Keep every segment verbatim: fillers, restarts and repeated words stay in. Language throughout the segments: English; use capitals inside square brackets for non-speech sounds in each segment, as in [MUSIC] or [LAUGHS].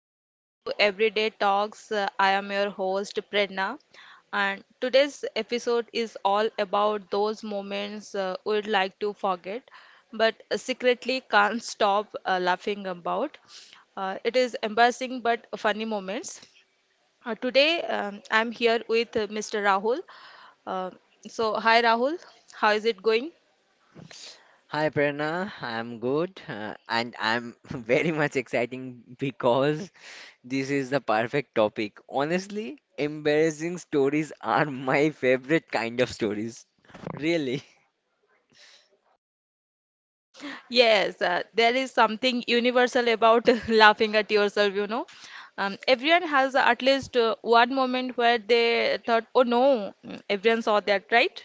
Welcome to Everyday Talks. Uh, I am your host, Prerna. And today's episode is all about those moments uh, we'd like to forget, but secretly can't stop uh, laughing about. Uh, it is embarrassing but funny moments. Uh, today, um, I'm here with uh, Mister Rahul. Uh, so, hi, Rahul. How is it going? Hi Prerna, I'm good uh, and I'm [LAUGHS] very much exciting because this is the perfect topic. Honestly, embarrassing stories are [LAUGHS] my favorite kind of stories. Really, Yes, uh, there is something universal about [LAUGHS] laughing at yourself, you know. Um, everyone has at least uh, one moment where they thought, oh no, Mm, everyone saw that, right?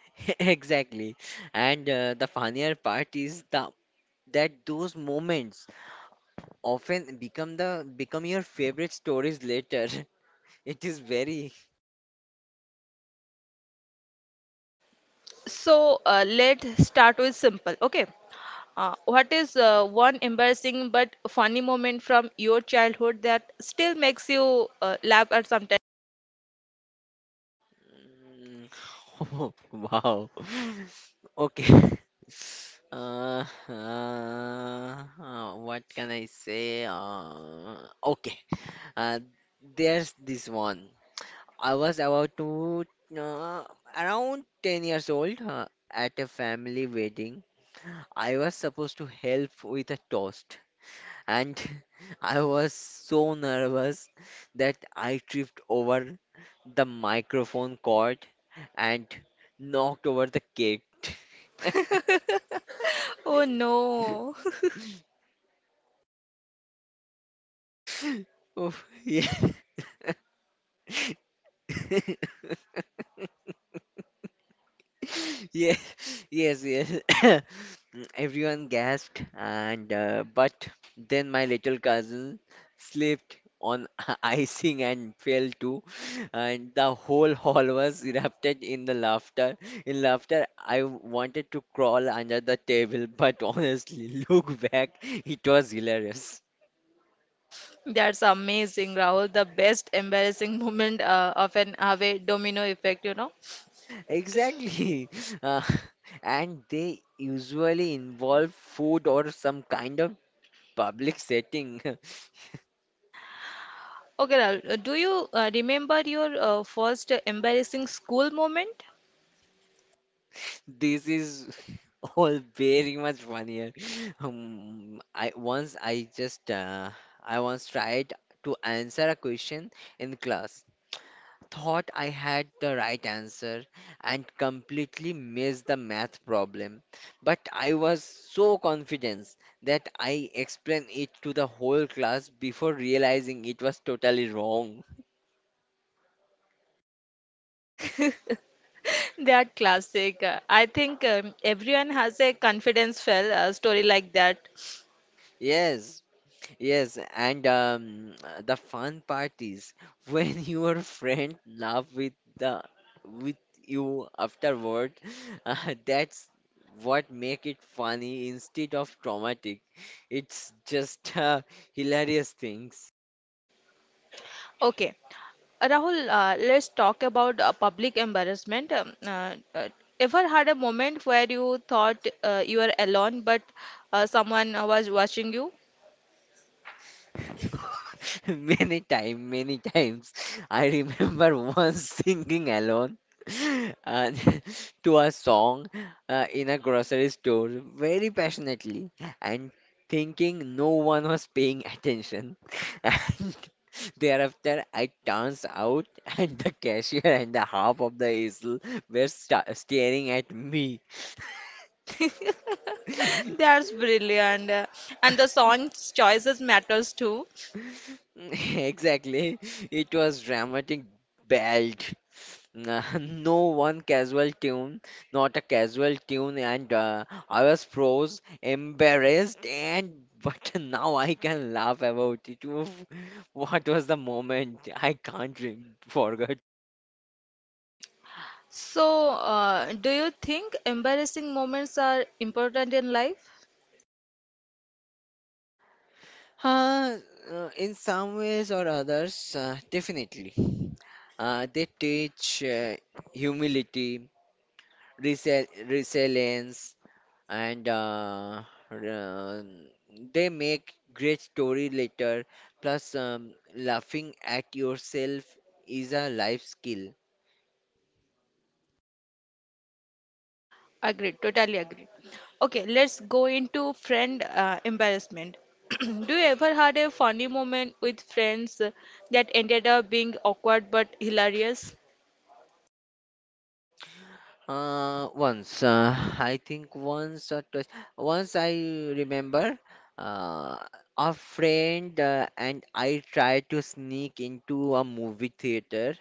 [LAUGHS] exactly. And uh, the funnier part is the that those moments often become the become your favorite stories later. [LAUGHS] It is very So uh, let's start with simple, okay? Uh, what is uh, one embarrassing but funny moment from your childhood that still makes you uh, laugh at sometimes? Mm, [LAUGHS] wow. [LAUGHS] Okay. [LAUGHS] Uh, uh, uh, what can I say? Uh, okay. Uh, there's this one. I was about to uh, around ten years old uh, at a family wedding. I was supposed to help with a toast and [LAUGHS] I was so nervous that I tripped over the microphone cord and knocked over the cake. [LAUGHS] Oh [LAUGHS] no. Oh, yeah. [LAUGHS] [LAUGHS] Yeah, yes, yes. [COUGHS] Everyone gasped, and uh, but then my little cousin slipped on [LAUGHS] icing and fell too, and the whole hall was erupted in the laughter. In laughter, I wanted to crawl under the table, but honestly, [LAUGHS] look back, it was hilarious. That's amazing, Rahul. The best embarrassing [LAUGHS] moment uh, of an away domino effect, you know. Exactly. [LAUGHS] Uh, and they usually involve food or some kind of public setting. [LAUGHS] Okay, Rahul, uh, do you uh, remember your uh, first embarrassing school moment? This is [LAUGHS] all very much funnier. Um, I once I just uh, I once tried to answer a question in class, thought I had the right answer, and completely missed the math problem. But I was so confident that I explained it to the whole class before realizing it was totally wrong. That classic. Uh, I think um, everyone has a confidence fail uh, story like that. Yes, yes, and um, the fun part is when [LAUGHS] your friend laugh with the with you afterward, [LAUGHS] uh, that's what make it funny instead of traumatic. It's just uh, hilarious things. Okay. Rahul, uh, let's talk about uh, public embarrassment. Um, uh, uh, ever had a moment where you thought uh, you were alone, but uh, someone uh, was watching you? [LAUGHS] Many time, many times. I remember [LAUGHS] once singing alone uh, [LAUGHS] to a song uh, in a grocery store very passionately and thinking no one was paying attention. [LAUGHS] And thereafter, I turns out [LAUGHS] and the cashier and the half of the aisle were sta staring at me. [LAUGHS] [LAUGHS] That's brilliant. And the song's choices matters too. [LAUGHS] Exactly. It was dramatic belt. Nah, [LAUGHS] no one casual tune, not a casual tune, and uh, I was froze, embarrassed, and but [LAUGHS] now I can laugh about it. Oof, what was the moment? I can't re- forget. So, uh, do you think embarrassing moments are important in life? Uh, uh, in some ways or others, uh, definitely. Uh, they teach uh, humility, resili- resilience, and uh, um, they make great story later plus um, laughing at yourself is a life skill. Agreed, totally agreed. Okay, let's go into friend uh, embarrassment. [CLEARS THROAT] Do you ever had a funny moment with friends uh, that ended up being awkward but hilarious? Uh, once uh, I think once or twice, once I remember uh, a friend uh, and I tried to sneak into a movie theater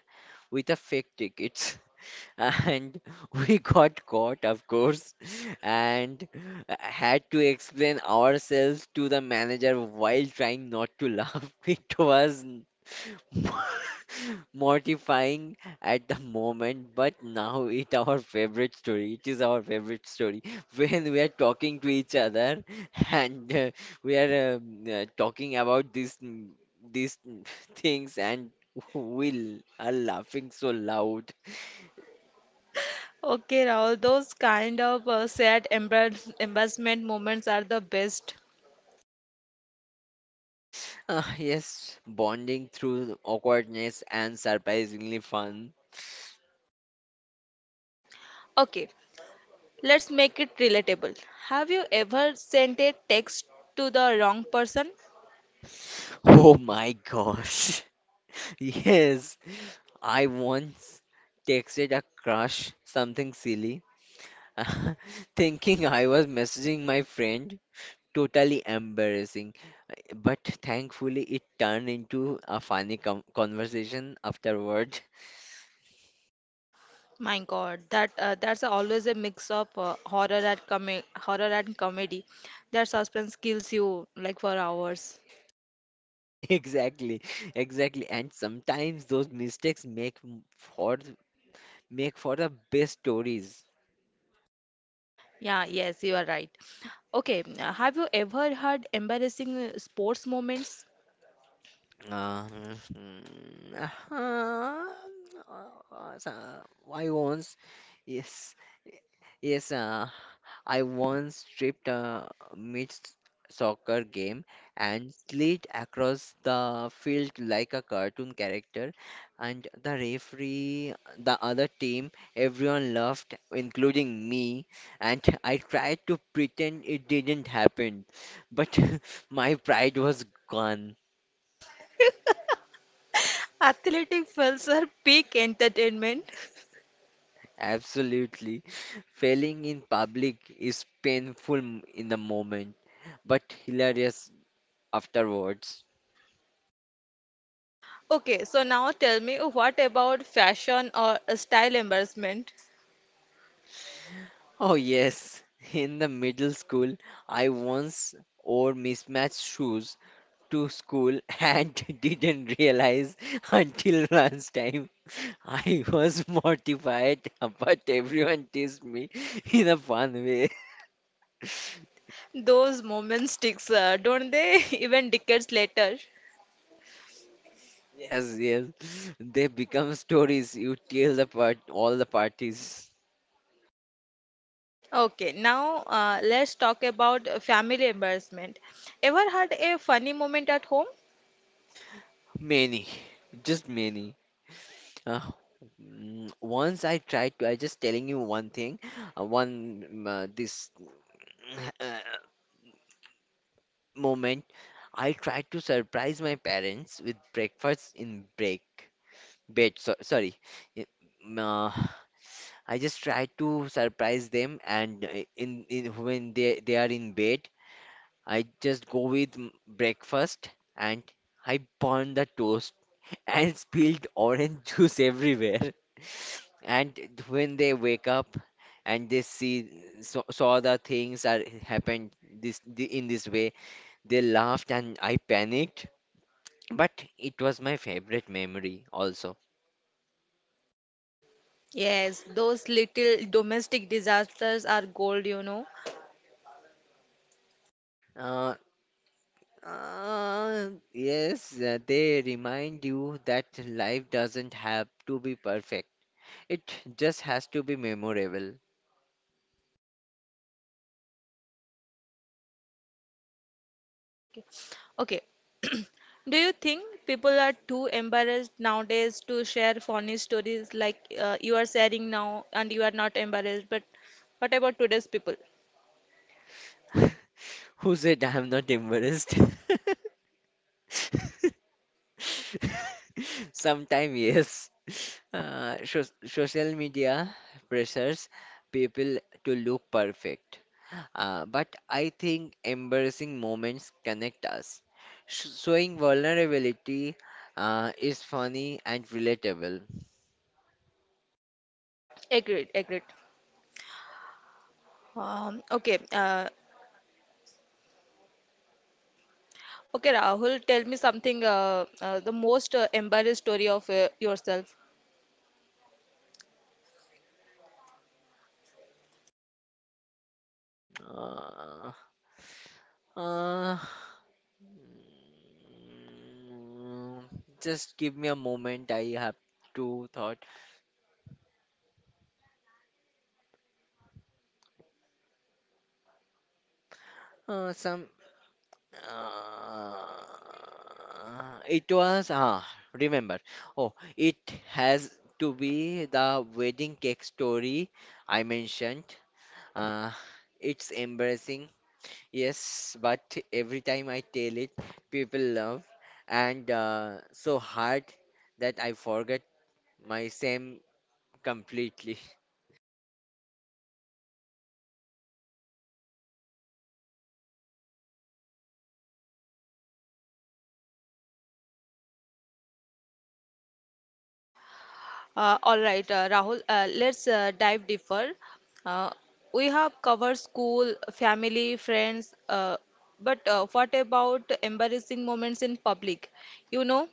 with a fake ticket and [LAUGHS] we got caught, of course, and had to explain ourselves to the manager while trying not to laugh. [LAUGHS] It was [LAUGHS] mortifying at the moment, but now it our favorite story. It is our favorite story [LAUGHS] when we are talking to each other and uh, we are um, uh, talking about these these [LAUGHS] things and we l- are laughing so loud. Okay, Rahul, those kind of uh, sad embarrass embarrassment moments are the best. Uh, yes, bonding through awkwardness and surprisingly fun. [LAUGHS] Okay, let's make it relatable. Have you ever sent a text to the wrong person? Oh my gosh. [LAUGHS] Yes, I once texted a crush something silly, [LAUGHS] thinking I was messaging my friend. Totally embarrassing. But thankfully, it turned into a funny com- conversation afterward. [LAUGHS] My God, that uh, that's always a mix of uh, horror and com- horror and comedy. That suspense kills you like for hours. Exactly, exactly. And sometimes those mistakes make m- for make for the best stories. Yeah, yes, you are right. Okay, uh, have you ever had embarrassing uh, sports moments? Uh, mm, uh, uh, so, I once, yes, yes, uh, I once stripped uh, mid soccer game and slid across the field like a cartoon character, and the referee, the other team, everyone laughed, including me, and I tried to pretend it didn't happen, but [LAUGHS] my pride was gone. Athletic fails are peak entertainment. Absolutely. Failing in public is painful m- in the moment, but hilarious afterwards. Okay, so now tell me what about fashion or uh, style embarrassment? Oh, yes. [LAUGHS] In the middle school, I once wore mismatched shoes to school and [LAUGHS] didn't realize until lunchtime. [LAUGHS] I was mortified, [LAUGHS] but everyone teased me [LAUGHS] in a fun way. [LAUGHS] Those moments sticks, uh, don't they? [LAUGHS] Even decades later. Yes, yes. They become stories you tell the part all the parties. Okay, now uh, let's talk about uh, family embarrassment. Ever had a funny moment at home? Many. Just many. Uh, mm, Once I tried to, I just telling you one thing, uh, one mm, uh, this [CLEARS THROAT] uh, moment. I tried to surprise my parents with breakfast in break bed. So, sorry. I- mm, uh, I just tried to surprise them, and uh, in in when they they are in bed, I just go with m- breakfast and I burn the toast [LAUGHS] and spilled orange juice everywhere. [LAUGHS] And when they wake up and they see saw, saw the things are happened this the, in this way, they laughed and I panicked. But it was my favorite memory also. Yes, those little domestic disasters are gold, you know. Uh, uh, yes, uh, they remind you that life doesn't have to be perfect. It just has to be memorable. Okay. [CLEARS THROAT] Do you think people are too embarrassed nowadays to share funny stories like uh, you are sharing now and you are not embarrassed? But what about today's people? [LAUGHS] Who said I'm not embarrassed? [LAUGHS] Sometime, yes. Uh, so social media pressures people to look perfect. Uh, but I think embarrassing moments connect us. Sh Showing vulnerability uh, is funny and relatable. Agreed, agreed. Um, okay, uh, Okay, Rahul, tell me something, uh, uh, the most uh, embarrassed story of uh, yourself. Uh, uh, mm, just give me a moment. I have to thought. Uh, some uh, it was ah remember oh it has to be the wedding cake story I mentioned, uh, it's embarrassing yes but every time I tell it people love and uh, so hard that I forget my same completely. [LAUGHS] Uh, all right, uh, Rahul, uh, let's uh, dive deeper. Uh, we have covered school, family, friends, uh, but uh, what about embarrassing moments in public? You know,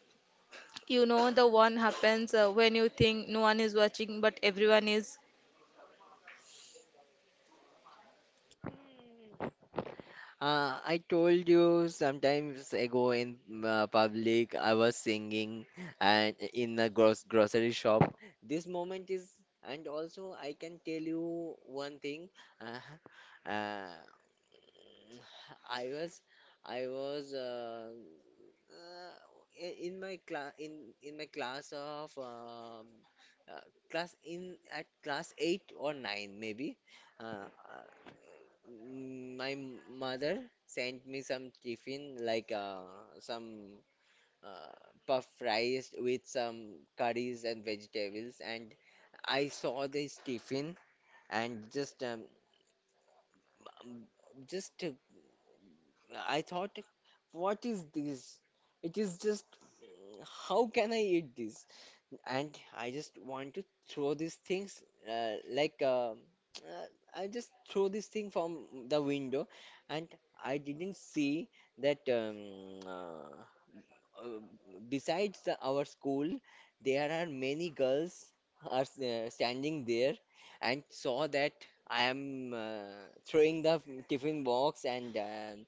you know the one happens uh, when you think no one is watching, but everyone is. Uh, I told you sometimes ago in uh, public, I was singing and in a gross grocery shop. This moment is, and also I can tell you one thing. Uh, uh, I was, I was uh, uh, i- in my class in in my class of um, uh, class in at class eight or nine maybe. Uh, Mm, My m- mother sent me some tiffin like uh, some uh, puff fries with some curries and vegetables, and I saw this tiffin and just um, um, just uh, I thought, what is this? It is just how can I eat this? And I just want to throw these things uh, like uh, uh, I just throw this thing from the window and I didn't see that um, uh, uh, besides the, our school, there are many girls are s- uh, standing there and saw that I am uh, throwing the tiffin box and um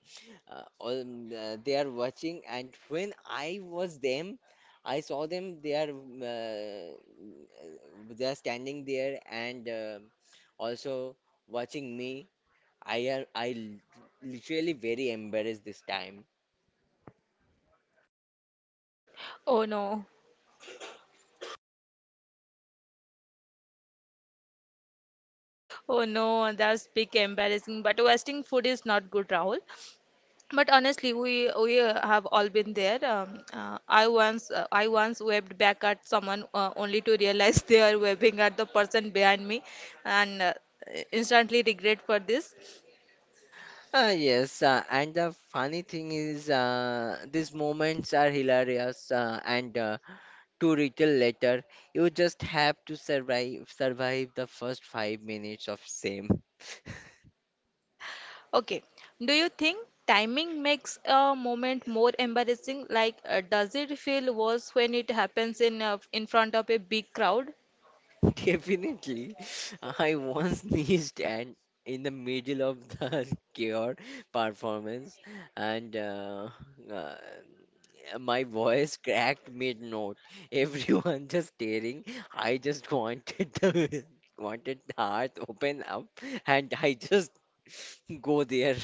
uh, all, uh, they are watching. And when I was them, I saw them. They are uh, they are standing there and uh, also watching me. I am I l- literally very embarrassed this time. Oh no, oh no, that's big embarrassing. But wasting food is not good, Rahul. But honestly, we we uh, have all been there. Um, uh, I once uh, I once webbed back at someone uh, only to realize they are webbing at the person behind me, and uh, instantly regret for this. Uh, yes, uh, and the funny thing is, uh, these moments are hilarious, uh, and uh, too little later, you just have to survive survive the first five minutes of same. [LAUGHS] Okay, do you think timing makes a moment more embarrassing? Like, uh, does it feel worse when it happens in uh, in front of a big crowd? [LAUGHS] Definitely. I once [LAUGHS] sneezed and in the middle of the [LAUGHS] chaos performance and uh, uh, my voice cracked mid-note. [LAUGHS] Everyone just staring. I just wanted the [LAUGHS] wanted the heart open up and I just [LAUGHS] go there.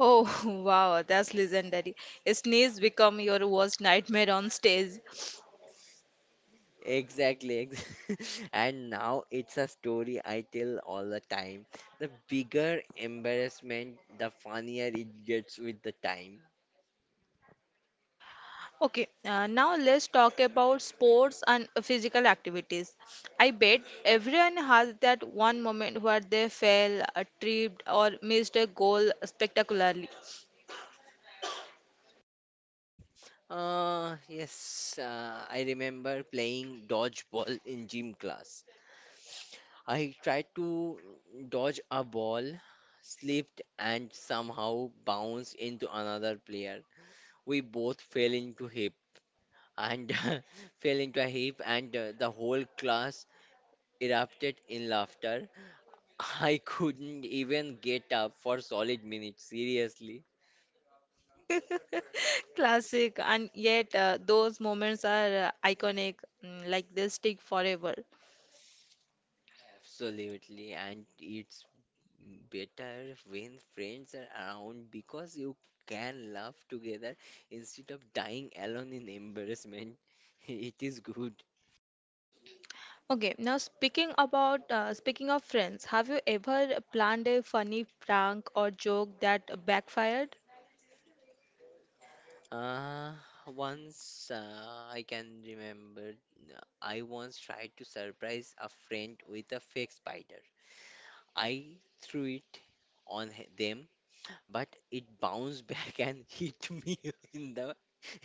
Oh [LAUGHS] wow, that's legendary. A sneeze become your worst nightmare on stage. Exactly. ex- [LAUGHS] And now it's a story I tell all the time. The bigger embarrassment, the funnier it gets with the time. Okay, uh, now let's talk about sports and physical activities. I bet everyone has that one moment where they fell, uh, tripped, or missed a goal spectacularly. Uh, yes, uh, I remember playing dodgeball in gym class. I tried to dodge a ball, slipped, and somehow bounced into another player. We both fell into heap and [LAUGHS] fell into a heap, and uh, the whole class erupted in laughter. I couldn't even get up for solid minutes, seriously. [LAUGHS] Classic, and yet uh, those moments are uh, iconic, mm, like they stick forever. Absolutely, and it's better when friends are around because you can laugh together instead of dying alone in embarrassment. [LAUGHS] It is good. Okay, now speaking about uh, speaking of friends, have you ever planned a funny prank or joke that backfired? Uh, Once uh, I can remember, uh, I once tried to surprise a friend with a fake spider. I threw it on h- them but it bounced back and [LAUGHS] hit me in the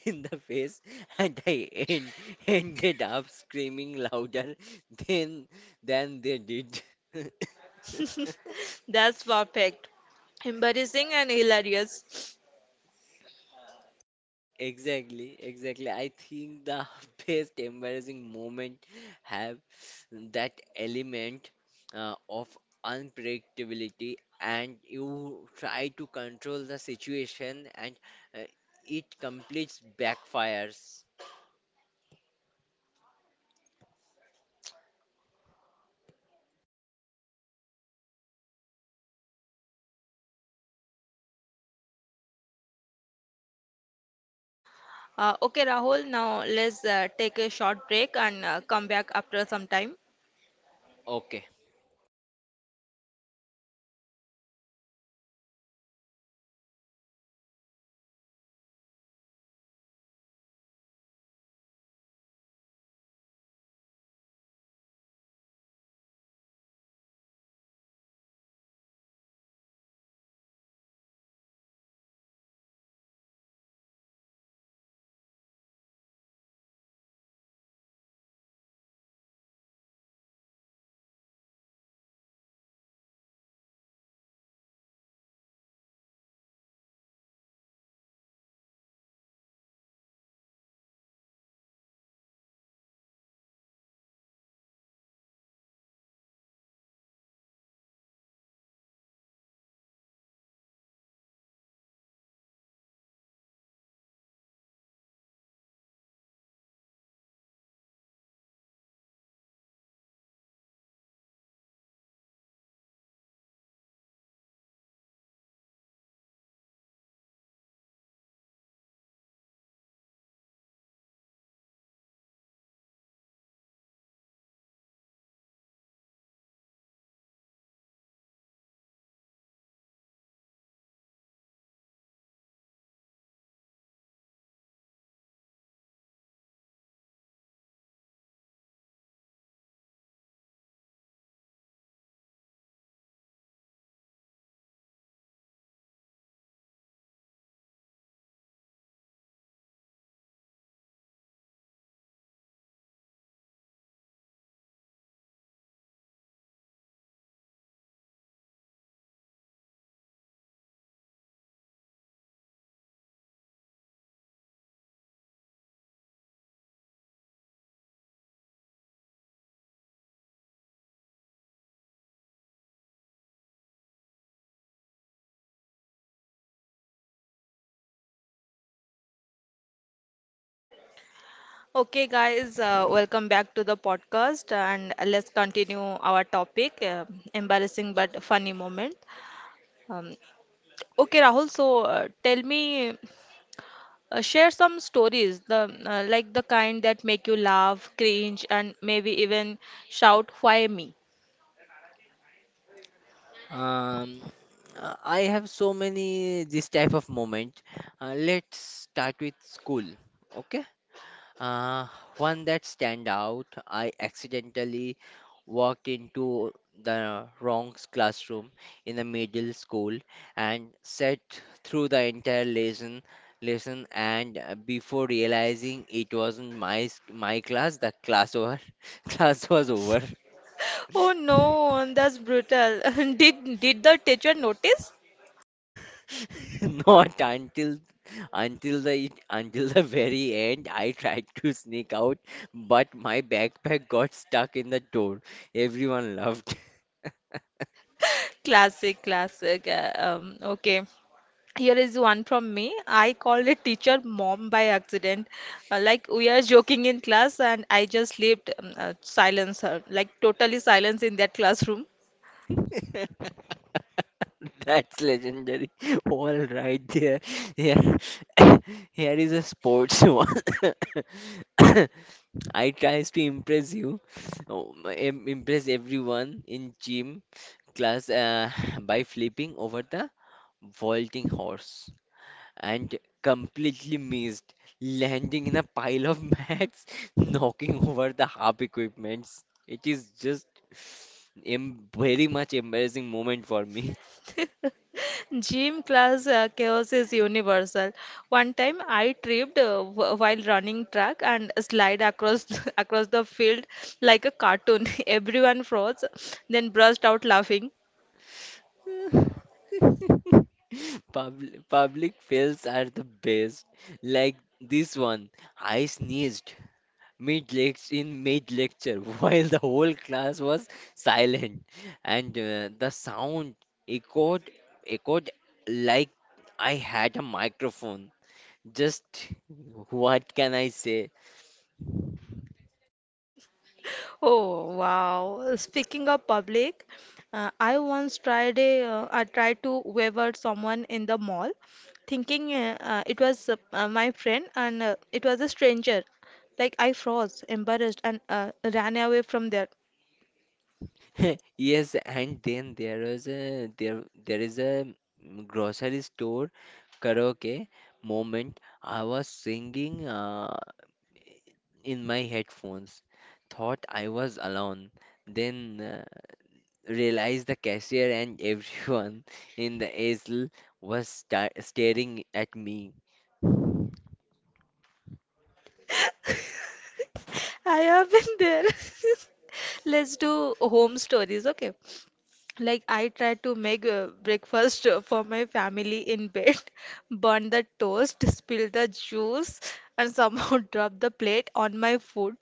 in the face and I en- ended up screaming louder than than they did. [LAUGHS] [LAUGHS] That's perfect. Embarrassing and hilarious. Exactly, exactly. I think the [LAUGHS] best embarrassing moment have that element uh, of unpredictability, and you try to control the situation, and uh, it completes backfires. Uh, okay, Rahul, now let's uh, take a short break and uh, come back after some time. Okay, Okay, guys, uh, welcome back to the podcast and let's continue our topic uh, embarrassing but funny moment. Um, okay, Rahul, so uh, tell me, uh, share some stories, the uh, like the kind that make you laugh, cringe, and maybe even shout, why me? Um, uh, I have so many this type of moment. Uh, let's start with school. Okay. Uh, One that stand out. I accidentally walked into the wrong classroom in the middle school and sat through the entire lesson lesson and uh, before realizing it wasn't my s- my class the class over [LAUGHS] class was over. Oh no, that's brutal. [LAUGHS] Did did the teacher notice? [LAUGHS] Not until until the until the very end. I tried to sneak out, but my backpack got stuck in the door. Everyone laughed. Classic, classic. Uh, Um, okay. Here is one from me. I called a teacher mom by accident. Uh, like we are joking in class, and I just left um, uh, silence her, like totally silence in that classroom. [LAUGHS] That's legendary. All right there. Here, [COUGHS] here is a sports [LAUGHS] one. [COUGHS] I tries to impress you, oh, my- im- impress everyone in gym class uh, [LAUGHS] by flipping over the vaulting horse and completely missed, landing in a pile of mats, [LAUGHS] knocking over the harp equipments. It is just em- very much embarrassing moment for me. [LAUGHS] Gym class uh, chaos is universal. One time I tripped uh, wh- while running track and slide across [LAUGHS] across the field like a cartoon. [LAUGHS] Everyone froze, then burst out laughing. [LAUGHS] Public, public fails are the best. Like this one, I sneezed mid lect in mid lecture [LAUGHS] while the whole class was silent and uh, the sound echoed echoed like I had a microphone, just what can I say? Oh wow! Speaking of public, uh, I once tried a uh, I tried to wave at someone in the mall, thinking uh, uh, it was uh, uh, my friend and uh, it was a stranger. Like I froze, embarrassed, and uh, ran away from there. [LAUGHS] Yes and then there is a there there is a grocery store karaoke moment. I was singing uh, in my headphones, thought I was alone, then uh, realized the cashier and everyone in the aisle was sta staring at me. [LAUGHS] I have been there. [LAUGHS] Let's do home stories, okay? Like I tried to make uh, breakfast uh, for my family in bed, [LAUGHS] burn the toast, spill the juice, and somehow [LAUGHS] drop the plate on my food.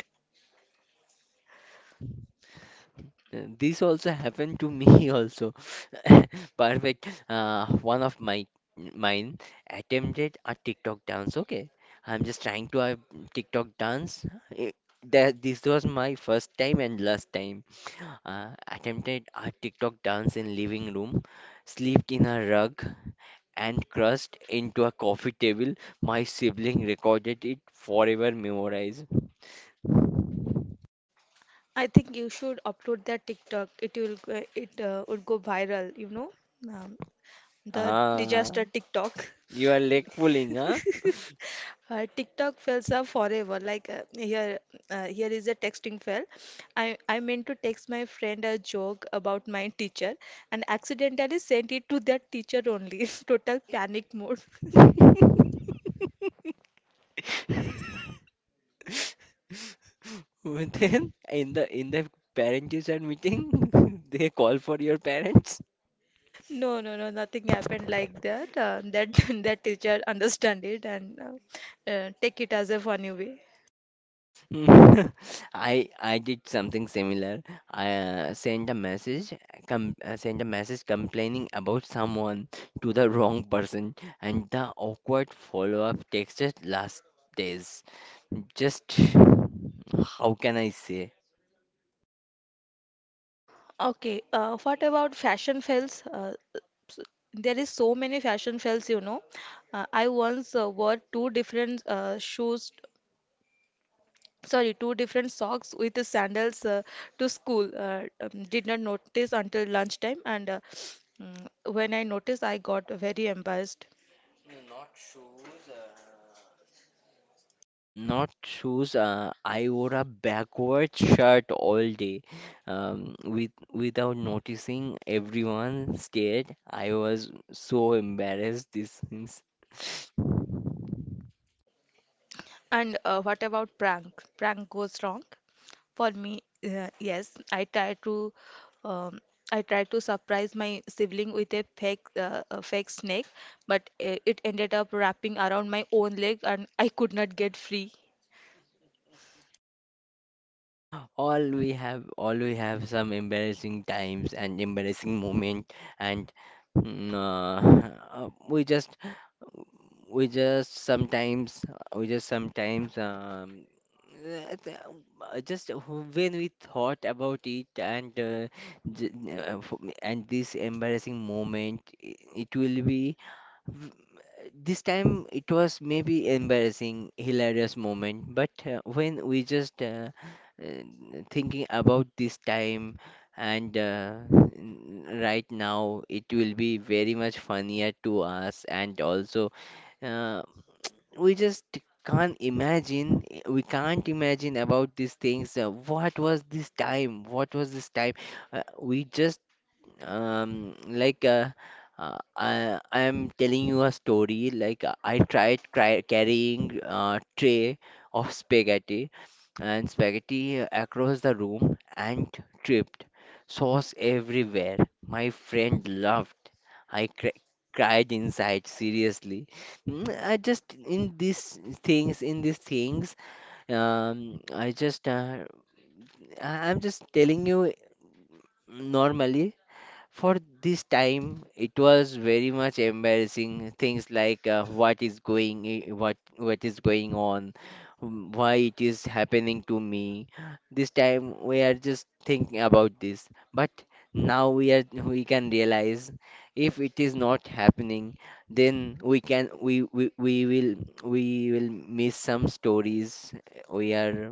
Uh, This also happened to me [LAUGHS] also. [LAUGHS] Perfect. Uh, one of my Mine attempted a TikTok dance. Okay, I'm just trying to a TikTok dance. It, that this was my first time and last time. Uh, attempted a TikTok dance in living room. Slept in a rug and crushed into a coffee table. My sibling recorded it forever memorized. I think you should upload that TikTok. It will go- it uh, would go viral, you know, um, the Ah, disaster TikTok. you are leg pulling, huh? [LAUGHS] Uh, TikTok fails are forever. Like uh, here, uh, here is a texting fail. I I meant to text my friend a joke about my teacher and accidentally sent it to that teacher only. [LAUGHS] Total panic mode. [LAUGHS] [LAUGHS] But then in the in the parent teacher meeting, [LAUGHS] they call for your parents. No, no, no, nothing happened like that. Uh, that [LAUGHS] that teacher understand it and uh, uh, take it as a funny way. Mm. [LAUGHS] I I did something similar. I uh, sent a message, com uh, sent a message complaining about someone to the wrong person, and the awkward follow-up text just last days. Just how can I say? Okay, uh, what about fashion fails? Uh, there is so many fashion fails, you know. Uh, I once uh, wore two different uh, shoes sorry, two different socks with the sandals uh, to school. Uh, um, did not notice until lunchtime, and uh, mm, when I noticed, I got very embarrassed. Not shoes. Uh, I wore a backward shirt all day. Um, with without noticing, everyone stared. I was so embarrassed. This things. And uh, what about prank? Prank goes wrong. For me, uh, yes, I try to um, I tried to surprise my sibling with a fake uh, a fake snake, but uh, it ended up wrapping around my own leg, and I could not get free. All we have all we have some embarrassing times and embarrassing moment and mm, uh, [LAUGHS] we just we just sometimes we just sometimes um uh, th- uh, just when we thought about it and uh, j- uh, f- and this embarrassing moment i- it will be, this time it was maybe embarrassing, hilarious moment, but uh, when we just uh, uh, thinking about this time and uh, n- right now it will be very much funnier to us and also uh, we just can't imagine we can't imagine about these things, uh, what was this time what was this time. Uh, we just um, like uh, uh, I I am telling you a story. Like uh, I tried cry carrying a tray of spaghetti and spaghetti across the room and tripped. Sauce everywhere. My friend laughed. I cr cried inside. Seriously, Mm, I just in these things in these things. Um, I just uh, I- I'm just telling you normally for this time, it was very much embarrassing. Things like uh, what is going, i- what what is going on, mm, why it is happening to me. This time we are just thinking about this. But now we are we can realize if it is not happening, then we can we we, we will we will miss some stories. We are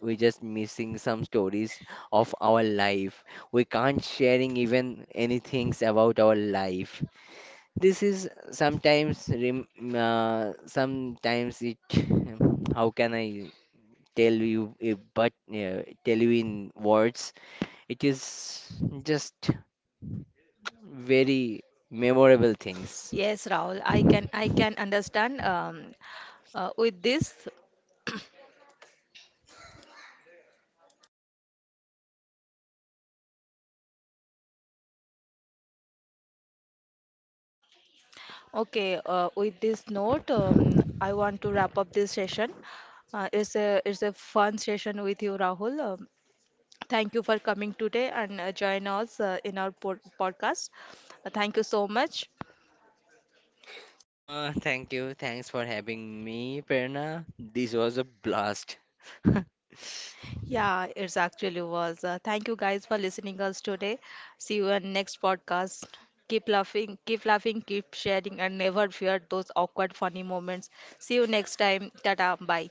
we just missing some stories of our life. We can't sharing even anything about our life. This is sometimes rem- uh, sometimes it [LAUGHS] how can I tell you, uh, but uh, tell you in words, it is just very memorable things. Yes, Rahul, I can I can understand um, uh, with this okay, uh, with this note, um, I want to wrap up this session. Uh, it's a it's a fun session with you, Rahul. Um thank you for coming today and uh, join us uh, in our pod podcast. Uh, thank you so much. Uh thank you, thanks for having me Perna. This was a blast. [LAUGHS] Yeah, it's actually was. Uh, thank you guys for listening us today. See you in next podcast. Keep laughing, keep laughing, keep sharing, and never fear those awkward funny moments. See you next time. Tata, bye.